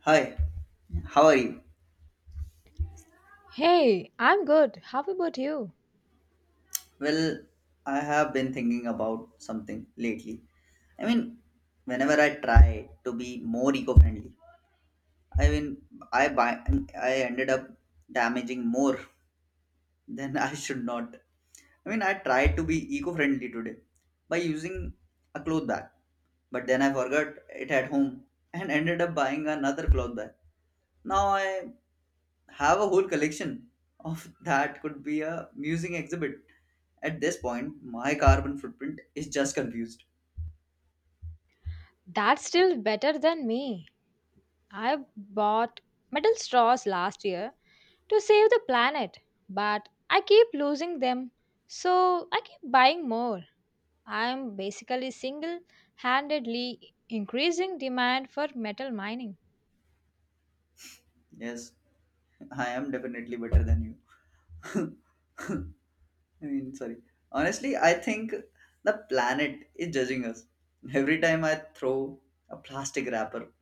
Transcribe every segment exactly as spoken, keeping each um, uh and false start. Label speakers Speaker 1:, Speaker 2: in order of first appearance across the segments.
Speaker 1: Hi, how are you?
Speaker 2: Hey, I'm good. How about you?
Speaker 1: Well, I have been thinking about something lately. I mean, whenever I try to be more eco-friendly, I mean, I buy, I ended up damaging more than I should not. I mean, I tried to be eco-friendly today by using a cloth bag, but then I forgot it at home and ended up buying another cloth bag. Now I have a whole collection of that could be a musing exhibit. At this point, my carbon footprint is just confused.
Speaker 2: That's still better than me. I bought metal straws last year to save the planet, but I keep losing them, so I keep buying more. I'm basically single handedly increasing demand for metal mining.
Speaker 1: Yes, I am definitely better than you. I mean, sorry. Honestly, I think the planet is judging us. Every time I throw a plastic wrapper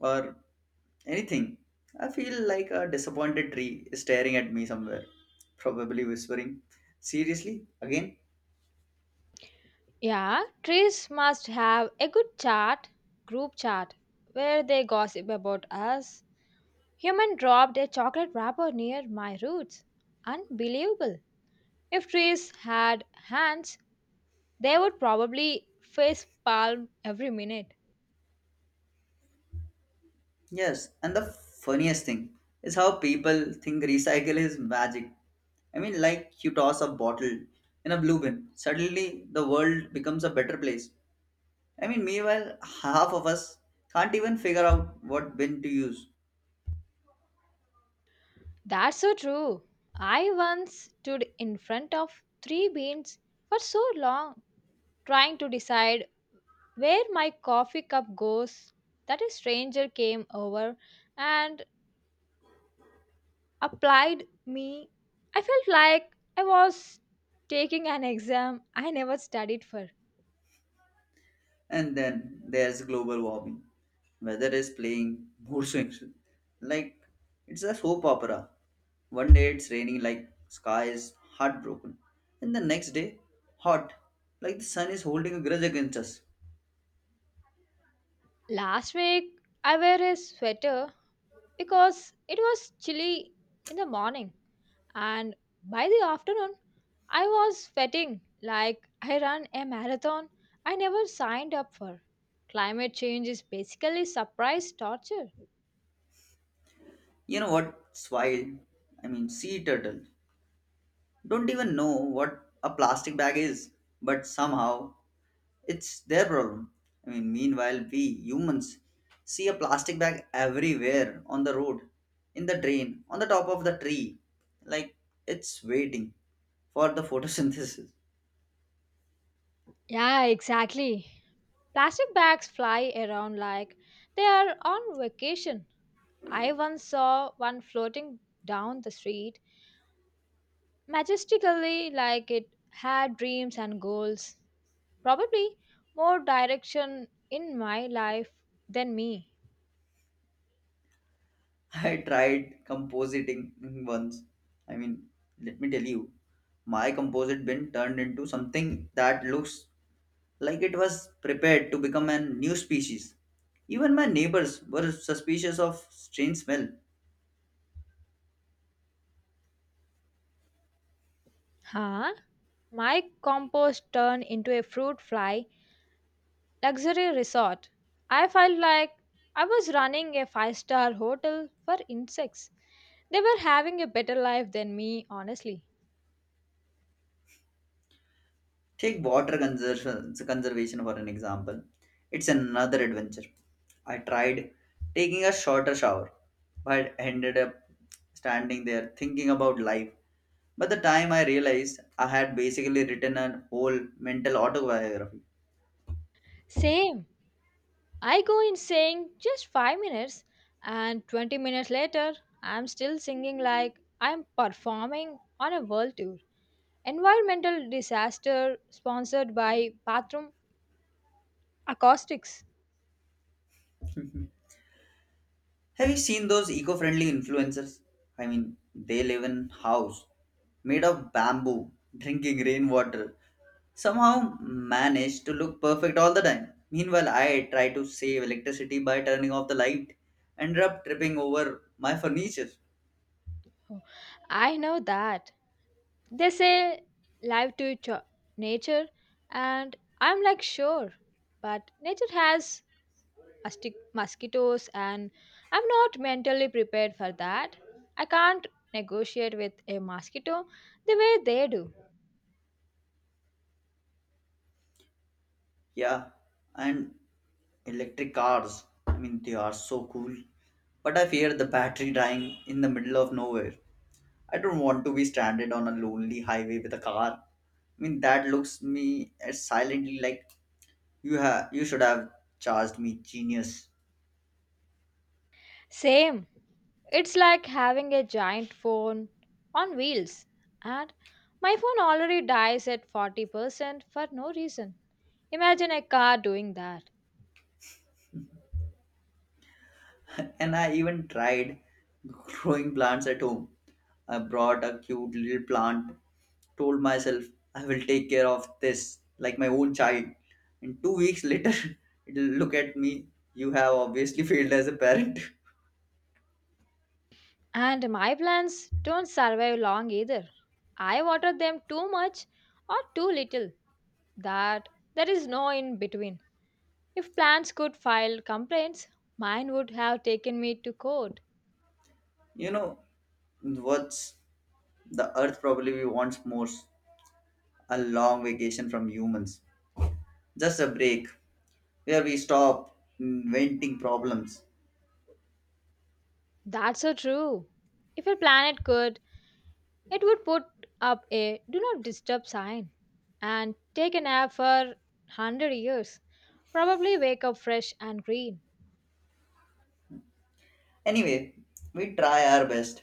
Speaker 1: or anything, I feel like a disappointed tree is staring at me somewhere, probably whispering, Seriously, again?
Speaker 2: Yeah, trees must have a good chat group chat where they gossip about us. Human dropped a chocolate wrapper near my roots. Unbelievable. If trees had hands, they would probably face palm every minute.
Speaker 1: Yes, and the funniest thing is how people think recycle is magic. I mean, like you toss a bottle in a blue bin, suddenly the world becomes a better place. I mean, meanwhile, half of us can't even figure out what bin to use.
Speaker 2: That's so true. I once stood in front of three beans for so long trying to decide where my coffee cup goes that a stranger came over and applied me. I felt like I was taking an exam I never studied for.
Speaker 1: And then there's global warming. Weather is playing mood swings. Like, it's a soap opera. One day it's raining like sky is heartbroken. And the next day, hot, like the sun is holding a grudge against us.
Speaker 2: Last week, I wear a sweater because it was chilly in the morning and by the afternoon I was sweating like I ran a marathon I never signed up for. Climate change is basically surprise torture.
Speaker 1: You know what's wild? I mean, sea turtle don't even know what a plastic bag is, but somehow it's their problem. I mean, meanwhile, we humans see a plastic bag everywhere on the road, in the drain, on the top of the tree, like it's waiting for the photosynthesis.
Speaker 2: Yeah, exactly. Plastic bags fly around like they are on vacation. I once saw one floating down the street majestically like it had dreams and goals. Probably more direction in my life than me.
Speaker 1: I tried compositing once. I mean, let me tell you, my composite bin turned into something that looks like it was prepared to become a new species. Even my neighbors were suspicious of strange smell.
Speaker 2: Huh? My compost turned into a fruit fly luxury resort. I felt like I was running a five star hotel for insects. They were having a better life than me, honestly.
Speaker 1: Take water conservation, conservation for an example. It's another adventure. I tried taking a shorter shower, but ended up standing there thinking about life. By the time I realized, I had basically written a whole mental autobiography.
Speaker 2: Same. I go in saying just five minutes, and twenty minutes later, I'm still singing like I'm performing on a world tour. Environmental disaster sponsored by Bathroom Acoustics.
Speaker 1: Have you seen those eco-friendly influencers? I mean, they live in house made of bamboo, drinking rainwater. Somehow manage to look perfect all the time. Meanwhile, I try to save electricity by turning off the light, ended up tripping over my furniture.
Speaker 2: Oh, I know that. They say live to cho- nature, and I'm like, sure. But nature has mustic- mosquitoes, and I'm not mentally prepared for that. I can't negotiate with a mosquito the way they do.
Speaker 1: Yeah, and electric cars. I mean, they are so cool, but I fear the battery dying in the middle of nowhere. I don't want to be stranded on a lonely highway with a car. I mean, that looks me at silently like you have you should have charged me genius.
Speaker 2: Same. It's like having a giant phone on wheels. And my phone already dies at forty percent for no reason. Imagine a car doing that.
Speaker 1: and I even tried growing plants at home. I brought a cute little plant, told myself I will take care of this like my own child. And two weeks later, it'll look at me. You have obviously failed as a parent.
Speaker 2: And my plants don't survive long either. I water them too much or too little. That there is no in between. If plants could file complaints, mine would have taken me to court.
Speaker 1: You know what's the earth probably wants more a long vacation from humans. Just a break where we stop inventing problems.
Speaker 2: That's so true. If a planet could, it would put up a do not disturb sign and take a nap for one hundred years. Probably wake up fresh and green.
Speaker 1: Anyway, we try our best.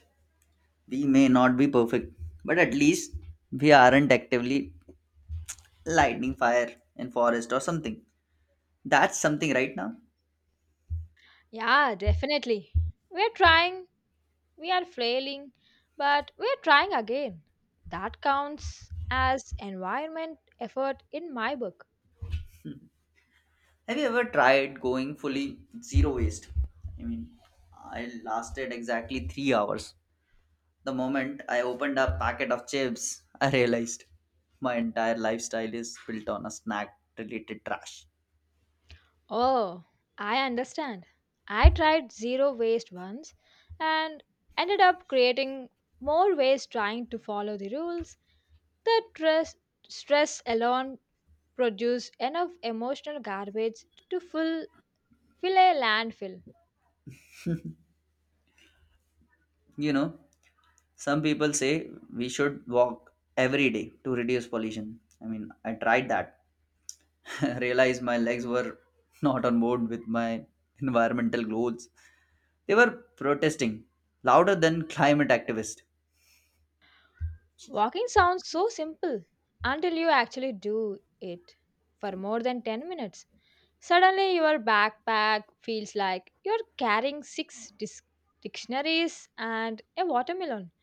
Speaker 1: We may not be perfect, but at least we aren't actively lighting fire in forest or something. That's something right now.
Speaker 2: Yeah, definitely. We're trying, we are flailing, but we're trying again. That counts as environment effort in my book.
Speaker 1: Have you ever tried going fully zero waste? I mean, I lasted exactly three hours. The moment I opened a packet of chips, I realized my entire lifestyle is built on a snack related trash.
Speaker 2: Oh, I understand. I tried zero waste once and ended up creating more waste trying to follow the rules. The stress, stress alone produces enough emotional garbage to fill, fill a landfill.
Speaker 1: You know, some people say we should walk every day to reduce pollution. I mean, I tried that, realized my legs were not on board with my environmental goals. They were protesting louder than climate activists.
Speaker 2: Walking sounds so simple until you actually do it for more than ten minutes. Suddenly, your backpack feels like you're carrying six dis- dictionaries and a watermelon.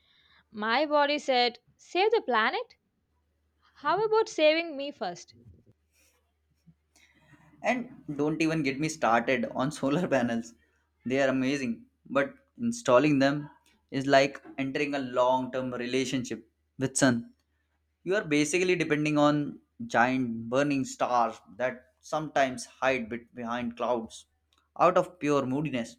Speaker 2: My body said, "Save the planet? How about saving me first?"
Speaker 1: And don't even get me started on solar panels. They are amazing, but installing them is like entering a long-term relationship with sun. You are basically depending on giant burning stars that sometimes hide bet- behind clouds out of pure moodiness.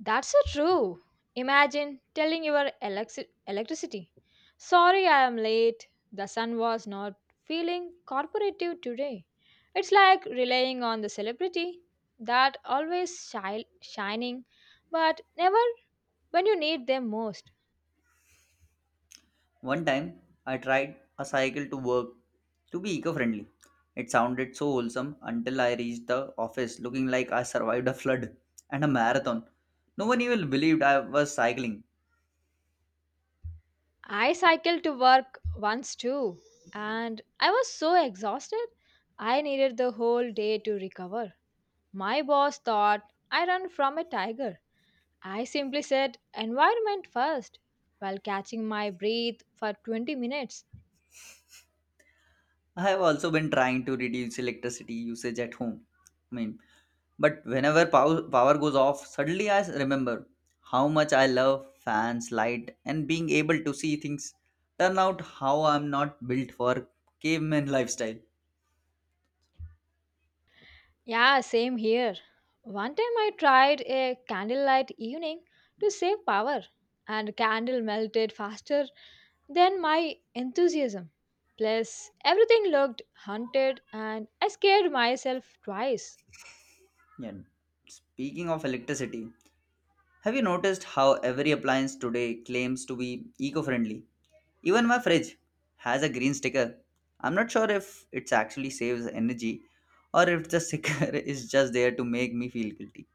Speaker 2: That's so true. Imagine telling your elexi- electricity, sorry I am late, the sun was not feeling corporative today. It's like relying on the celebrity that always shi- shining, but never when you need them most.
Speaker 1: One time, I tried a cycle to work to be eco friendly. It sounded so wholesome until I reached the office looking like I survived a flood and a marathon. No one even believed I was cycling.
Speaker 2: I cycled to work once too, and I was so exhausted, I needed the whole day to recover. My boss thought I ran from a tiger. I simply said environment first while catching my breath for twenty minutes.
Speaker 1: I have also been trying to reduce electricity usage at home. I mean, but whenever pow- power goes off, suddenly I remember how much I love fans, light, and being able to see things. Turn out how I'm not built for caveman lifestyle.
Speaker 2: Yeah, same here. One time I tried a candlelight evening to save power, and candle melted faster than my enthusiasm. Plus, everything looked haunted, and I scared myself twice.
Speaker 1: Yeah. Speaking of electricity, have you noticed how every appliance today claims to be eco friendly? Even my fridge has a green sticker. I'm not sure if it actually saves energy or if the sticker is just there to make me feel guilty.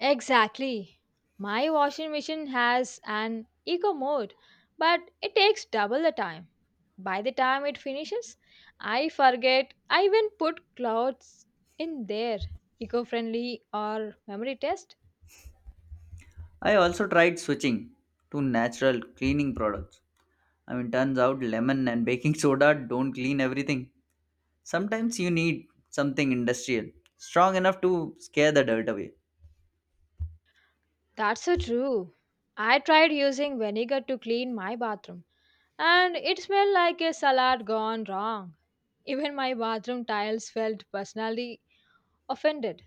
Speaker 2: Exactly. My washing machine has an eco mode, but it takes double the time. By the time it finishes, I forget I even put clothes in there. Eco friendly or memory test?
Speaker 1: I also tried switching to natural cleaning products. I mean, turns out lemon and baking soda don't clean everything. Sometimes you need something industrial, strong enough to scare the dirt away.
Speaker 2: That's so true. I tried using vinegar to clean my bathroom, and it smelled like a salad gone wrong. Even my bathroom tiles felt personally offended.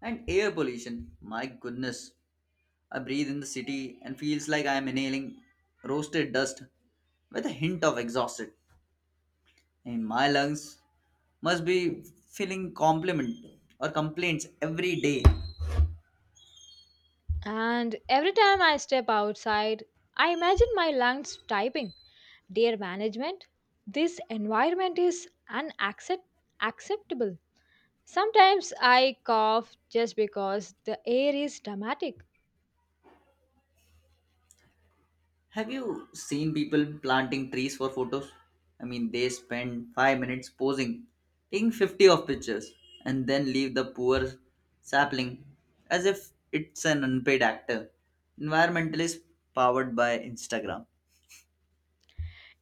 Speaker 1: And air pollution, my goodness, I breathe in the city and feels like I am inhaling roasted dust with a hint of exhausted. And my lungs must be filling compliment or complaints every day.
Speaker 2: And every time I step outside, I imagine my lungs typing, "Dear management, this environment is unaccept- acceptable." Sometimes I cough just because the air is dramatic.
Speaker 1: Have you seen people planting trees for photos? I mean, they spend five minutes posing, taking fifty of pictures, and then leave the poor sapling as if it's an unpaid actor. Environmentalist powered by Instagram.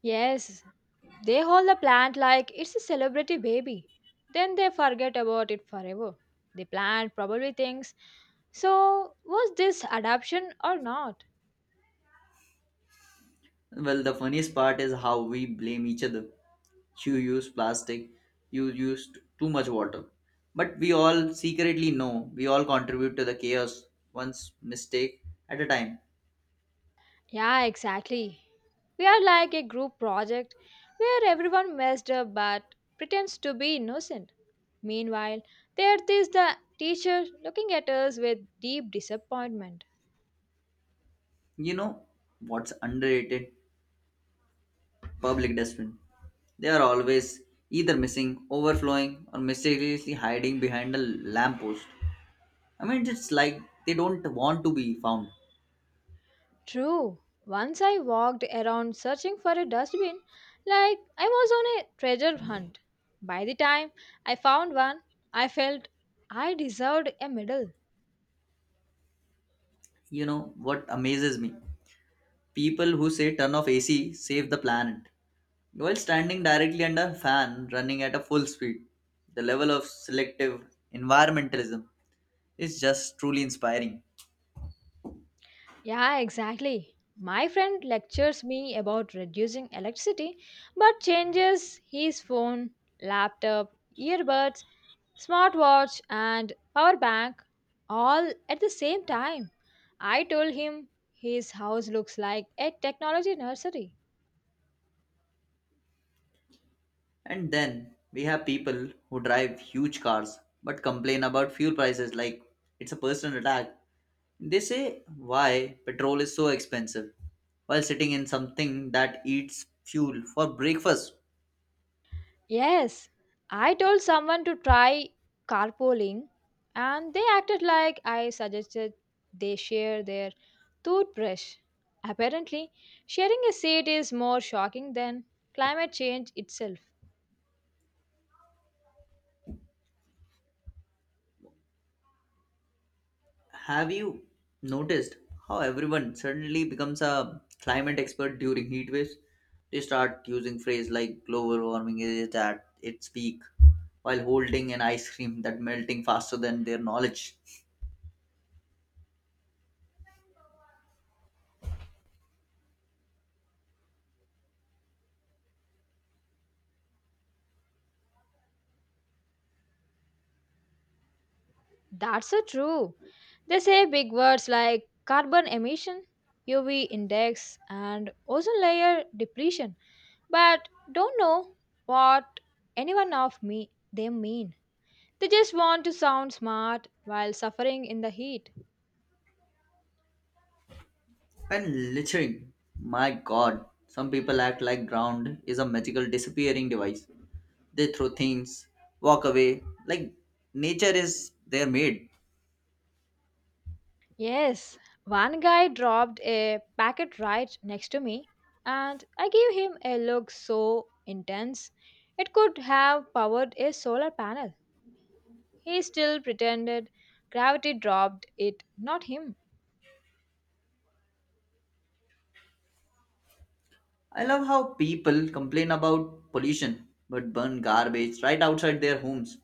Speaker 2: Yes, they hold the plant like it's a celebrity baby. Then they forget about it forever. The plant probably thinks, so was this adoption or not?
Speaker 1: Well, the funniest part is how we blame each other. You use plastic, you used too much water. But we all secretly know we all contribute to the chaos once mistake at a time.
Speaker 2: Yeah, exactly. We are like a group project where everyone messed up but pretends to be innocent. Meanwhile, there is the teacher looking at us with deep disappointment.
Speaker 1: You know what's underrated? Public dustbin. They are always either missing, overflowing, or mysteriously hiding behind a lamppost. I mean, it's like they don't want to be found.
Speaker 2: True, once I walked around searching for a dustbin like I was on a treasure hunt. By the time I found one, I felt I deserved a medal.
Speaker 1: You know what amazes me? People who say turn off A C save the planet while standing directly under a fan running at a full speed, the level of selective environmentalism is just truly inspiring.
Speaker 2: Yeah, exactly. My friend lectures me about reducing electricity but changes his phone, laptop, earbuds, smartwatch, and power bank all at the same time. I told him his house looks like a technology nursery.
Speaker 1: And then we have people who drive huge cars but complain about fuel prices like it's a personal attack. They say why petrol is so expensive while sitting in something that eats fuel for breakfast.
Speaker 2: Yes, I told someone to try carpooling and they acted like I suggested they share their toothbrush. Apparently, sharing a seat is more shocking than climate change itself.
Speaker 1: Have you noticed how everyone suddenly becomes a climate expert during heat waves? They start using phrase like global warming is at its peak while holding an ice cream that melting faster than their knowledge.
Speaker 2: That's so true. They say big words like carbon emission, U V index, and ozone layer depletion, but don't know what anyone of me they mean. They just want to sound smart while suffering in the heat.
Speaker 1: And littering, my god, some people act like ground is a magical disappearing device. They throw things, walk away like nature is their maid.
Speaker 2: Yes, one guy dropped a packet right next to me, and I gave him a look so intense it could have powered a solar panel. He still pretended gravity dropped it, not him.
Speaker 1: I love how people complain about pollution but burn garbage right outside their homes.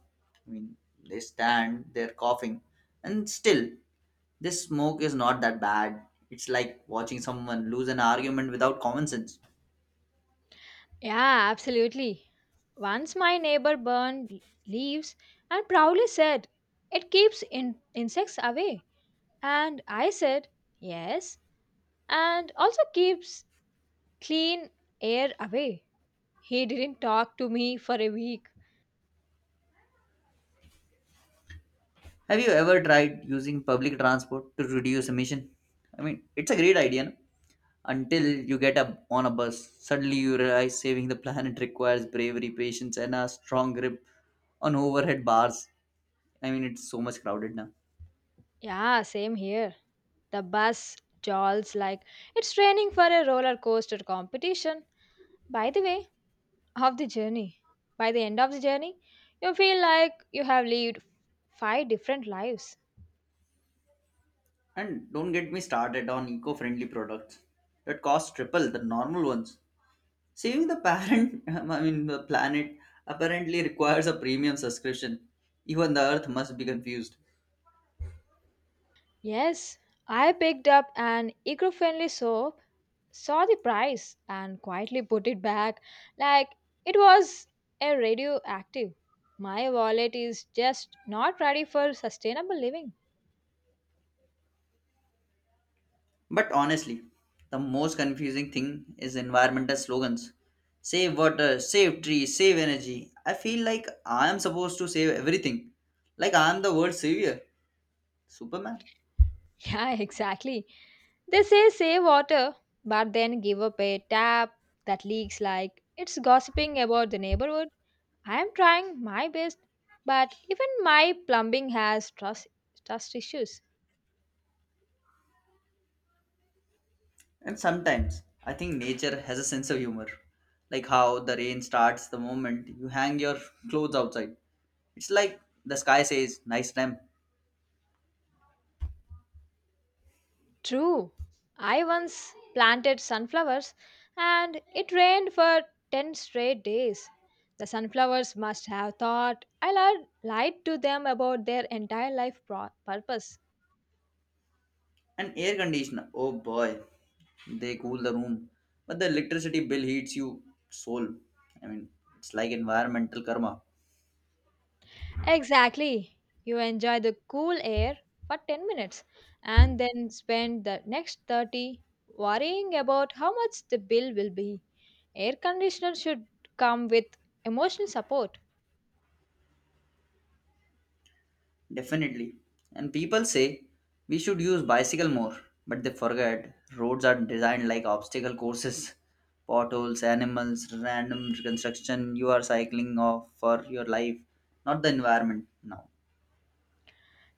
Speaker 1: I mean, they stand, they're coughing, and still, this smoke is not that bad. It's like watching someone lose an argument without common sense.
Speaker 2: Yeah, absolutely. Once my neighbor burned leaves and proudly said, "It keeps in- insects away." And I said, "Yes, and also keeps clean air away." He didn't talk to me for a week.
Speaker 1: Have you ever tried using public transport to reduce emission? I mean, it's a great idea no? Until you get up on a bus. Suddenly, you realize saving the planet requires bravery, patience, and a strong grip on overhead bars. I mean, it's so much crowded now.
Speaker 2: Yeah, same here. The bus jolts like it's training for a roller coaster competition. By the way, of the journey, by the end of the journey, you feel like you have lived five different lives.
Speaker 1: And don't get me started on eco friendly products that cost triple the normal ones. Saving the parent, I mean, the planet, apparently requires a premium subscription. Even the earth must be confused.
Speaker 2: Yes, I picked up an eco friendly soap saw the price and quietly put it back like it was a radioactive. My wallet is just not ready for sustainable living.
Speaker 1: But honestly, the most confusing thing is environmental slogans save water, save trees, save energy. I feel like I am supposed to save everything. Like I am the world savior. Superman.
Speaker 2: Yeah, exactly. They say save water, but then give up a tap that leaks like it's gossiping about the neighborhood. I am trying my best, but even my plumbing has trust, trust issues.
Speaker 1: And sometimes I think nature has a sense of humor, like how the rain starts the moment you hang your clothes outside. It's like the sky says, nice time.
Speaker 2: True. I once planted sunflowers and it rained for ten straight days. The sunflowers must have thought I lied lied to them about their entire life pro- purpose.
Speaker 1: And air conditioner, oh boy, they cool the room. But the electricity bill heats you soul. I mean, it's like environmental karma.
Speaker 2: Exactly. You enjoy the cool air for ten minutes and then spend the next thirty worrying about how much the bill will be. Air conditioner should come with emotional support.
Speaker 1: Definitely. And people say we should use bicycle more, but they forget roads are designed like obstacle courses, potholes, animals, random construction. You are cycling off for your life, not the environment now.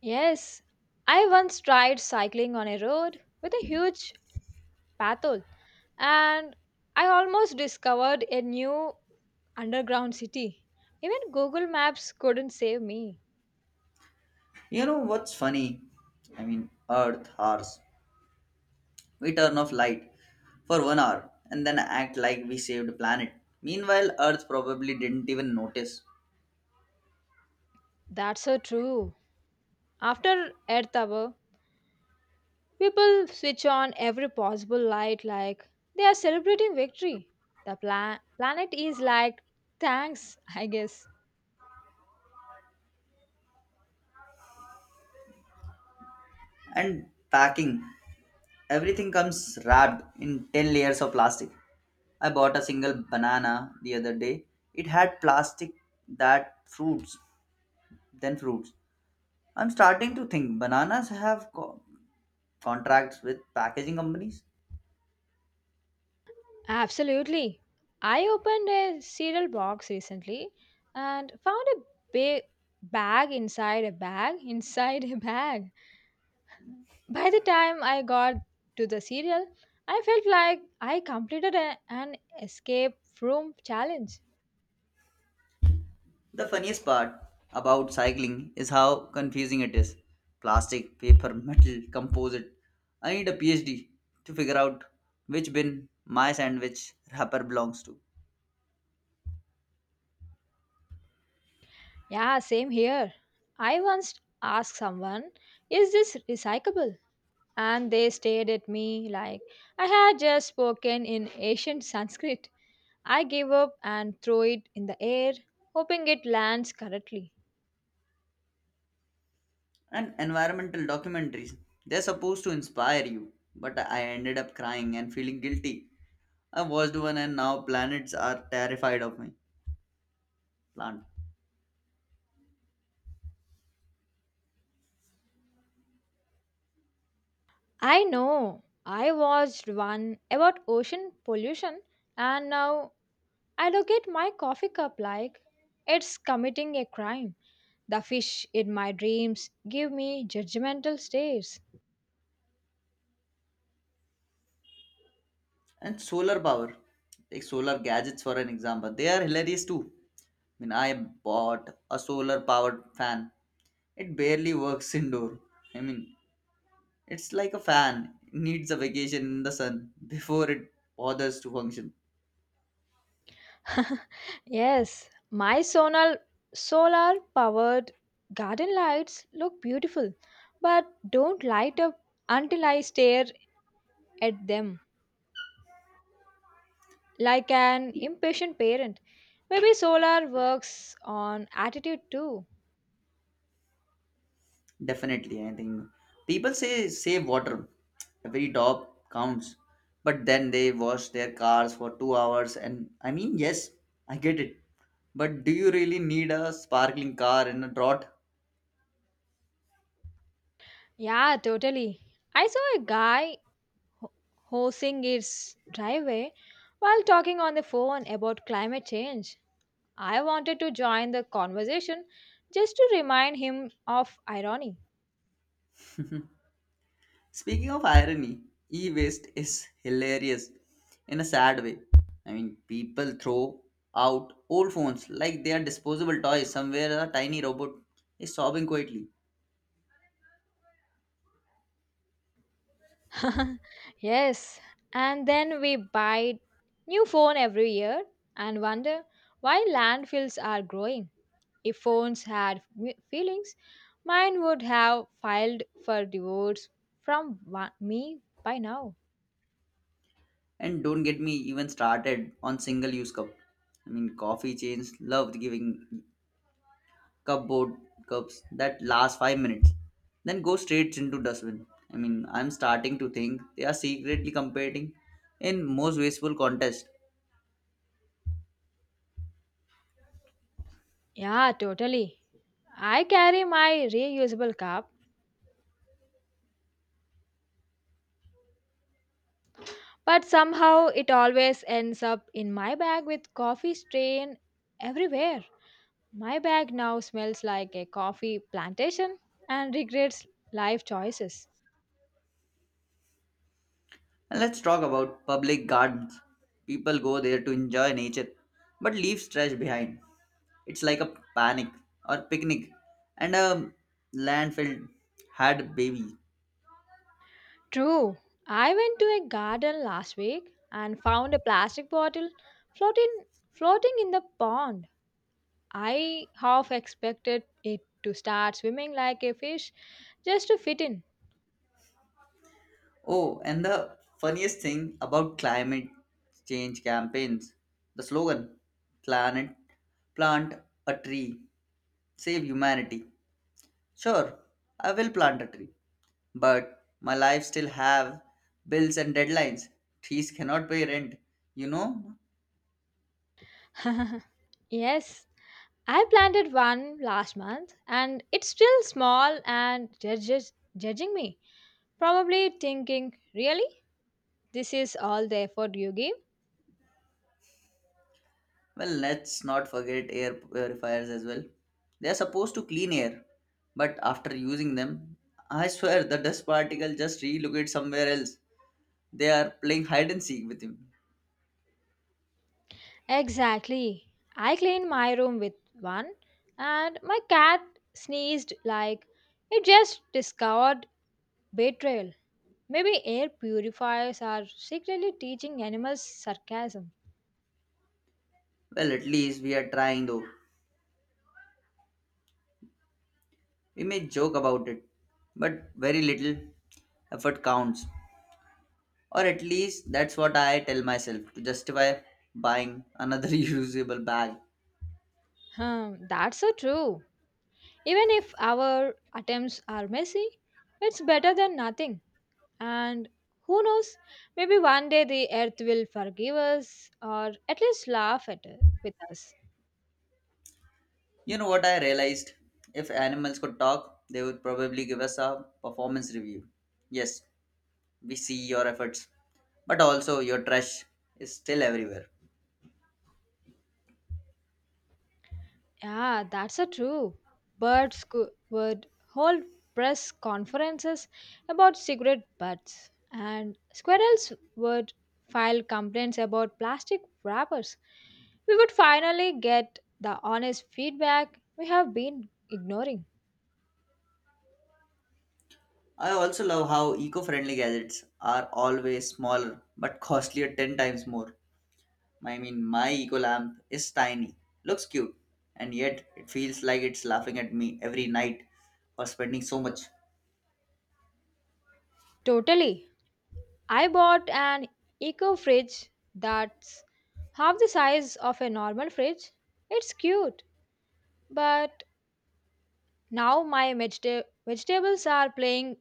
Speaker 2: Yes, I once tried cycling on a road with a huge pathol and I almost discovered a new underground city. Even Google Maps couldn't save me.
Speaker 1: You know what's funny? I mean, Earth, ours. We turn off light for one hour and then act like we saved the planet. Meanwhile, Earth probably didn't even notice.
Speaker 2: That's so true. After Earth Hour, people switch on every possible light like they are celebrating victory. The pla- planet is like, thanks, I guess.
Speaker 1: And packing. Everything comes wrapped in ten layers of plastic. I bought a single banana the other day. It had plastic that fruits, then fruits. I'm starting to think bananas have co- contracts with packaging companies.
Speaker 2: Absolutely. I opened a cereal box recently and found a big bag inside a bag inside a bag. By the time I got to the cereal, I felt like I completed a- an escape room challenge.
Speaker 1: The funniest part about cycling is how confusing it is. Plastic, paper, metal, composite. I need a PhD to figure out which bin my sandwich wrapper belongs to.
Speaker 2: Yeah, same here. I once asked someone, "Is this recyclable?" And they stared at me like I had just spoken in ancient Sanskrit. I give up and throw it in the air, hoping it lands correctly.
Speaker 1: And environmental documentaries. They're supposed to inspire you, but I ended up crying and feeling guilty. I watched one and now planets are terrified of me. Plant.
Speaker 2: I know. I watched one about ocean pollution and now I look at my coffee cup like it's committing a crime. The fish in my dreams give me judgmental stares.
Speaker 1: And solar power. Take solar gadgets for an example. They are hilarious too. I mean, I bought a solar powered fan. It barely works indoor. I mean, it's like a fan. It needs a vacation in the sun before it bothers to function.
Speaker 2: Yes, my solar solar powered garden lights look beautiful but don't light up until I stare at them. Like an impatient parent, maybe solar works on attitude too.
Speaker 1: Definitely, I think people say save water. Every drop counts. But then they wash their cars for two hours, and I mean, yes, I get it. But do you really need a sparkling car in a drought?
Speaker 2: Yeah, totally. I saw a guy ho- hosing his driveway while talking on the phone about climate change. I wanted to join the conversation just to remind him of irony.
Speaker 1: Speaking of irony, e waste is hilarious in a sad way. I mean, people throw out old phones like they are disposable toys. Somewhere, a tiny robot is sobbing quietly.
Speaker 2: Yes, and then we buy new phone every year and wonder why landfills are growing. If phones had fe- feelings, mine would have filed for divorce from wa- me by now.
Speaker 1: And don't get me even started on single use cup. I mean, coffee chains loved giving cupboard cups that last five minutes, then go straight into dustbin. I mean, I'm starting to think they are secretly competing in most wasteful contest.
Speaker 2: Yeah, totally. I carry my reusable cup, but somehow it always ends up in my bag with coffee stain everywhere. My bag now smells like a coffee plantation and regrets life choices.
Speaker 1: And let's talk about public gardens. People go there to enjoy nature, but leave trash behind. It's like a panic or picnic, and a landfill had a baby.
Speaker 2: True. I went to a garden last week and found a plastic bottle floating floating in the pond. I half expected it to start swimming like a fish just to fit in.
Speaker 1: Oh, and the funniest thing about climate change campaigns, the slogan planet plant a tree, save humanity. Sure, I will plant a tree, but my life still have bills and deadlines. Trees cannot pay rent, you know?
Speaker 2: Yes, I planted one last month and it's still small and judges judging me. Probably thinking, really? This is all the effort you give?
Speaker 1: Well, let's not forget air purifiers as well. They are supposed to clean air, but after using them, I swear the dust particle just relocate somewhere else. They are playing hide and seek with him.
Speaker 2: Exactly. I cleaned my room with one and my cat sneezed like it just discovered betrayal. Maybe air purifiers are secretly teaching animals sarcasm.
Speaker 1: Well, at least we are trying though. We may joke about it, but very little effort counts. Or at least that's what I tell myself to justify buying another reusable bag.
Speaker 2: Hmm, that's so true. Even if our attempts are messy, it's better than nothing. And who knows, maybe one day the earth will forgive us or at least laugh at it with us.
Speaker 1: You know what I realized? If animals could talk, they would probably give us a performance review. Yes, we see your efforts, but also your trash is still everywhere.
Speaker 2: Yeah, that's a true. Birds cou- would hold press conferences about cigarette butts, and squirrels would file complaints about plastic wrappers. We would finally get the honest feedback we have been ignoring.
Speaker 1: I also love how eco friendly gadgets are always smaller but costlier ten times more. I mean, my eco lamp is tiny, looks cute, and yet it feels like it's laughing at me every night for spending so much.
Speaker 2: Totally. I bought an eco fridge that's half the size of a normal fridge. It's cute, but now my vegeta- vegetables are playing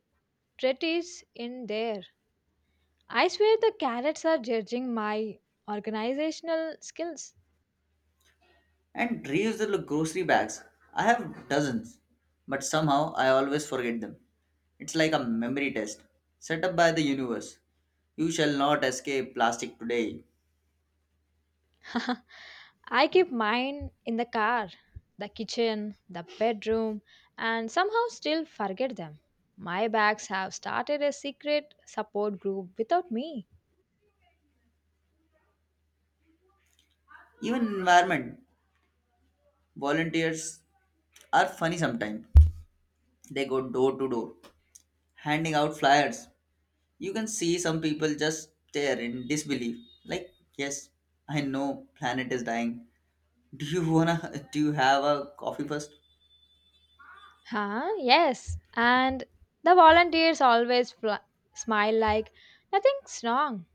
Speaker 2: Tret is in there. I swear the carrots are judging my organizational skills.
Speaker 1: And reusable grocery bags, I have dozens, but somehow I always forget them. It's like a memory test set up by the universe. You shall not escape plastic today.
Speaker 2: I keep mine in the car, the kitchen, the bedroom, and somehow still forget them. My bags have started a secret support group without me.
Speaker 1: Even environment volunteers are funny sometimes. They go door to door, handing out flyers you can see some people just stare in disbelief like yes I know planet is dying do you wanna do you have a coffee first?
Speaker 2: Huh? Yes. And the volunteers always fl- smile like nothing's wrong,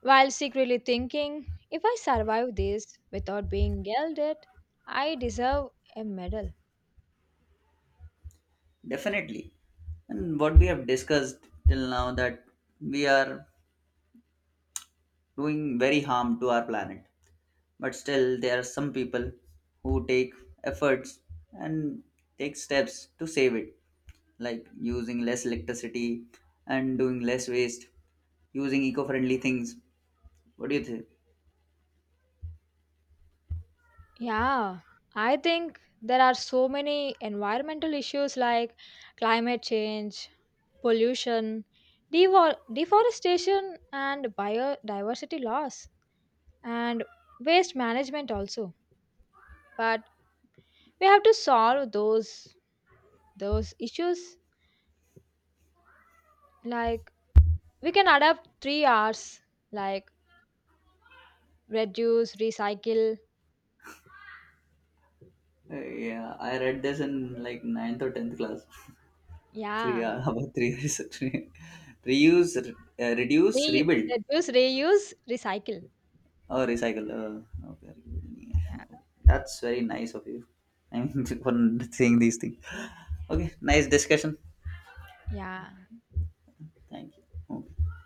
Speaker 2: while secretly thinking, if I survive this without being yelled at, I deserve a medal.
Speaker 1: Definitely. And what we have discussed till now that we are doing very harm to our planet, but still there are some people who take efforts and take steps to save it, like using less electricity and doing less waste, using eco-friendly things. What do you think?
Speaker 2: Yeah, I think there are so many environmental issues like climate change, pollution, devor- deforestation, and biodiversity loss, and waste management also. But we have to solve those those issues. Like we can adapt three R's, like reduce, recycle.
Speaker 1: Uh, yeah, I read this in like ninth or tenth class. Three
Speaker 2: Yeah.
Speaker 1: uh, about three years. Actually. Reuse, re- uh, reduce,
Speaker 2: Reu-
Speaker 1: rebuild,
Speaker 2: reduce, reuse, recycle.
Speaker 1: or recycle. Uh, okay, rebuild.
Speaker 2: Yeah.
Speaker 1: Yeah. That's very nice of you. I mean, for saying these things. Okay, nice discussion.
Speaker 2: Yeah.
Speaker 1: Thank you. Okay.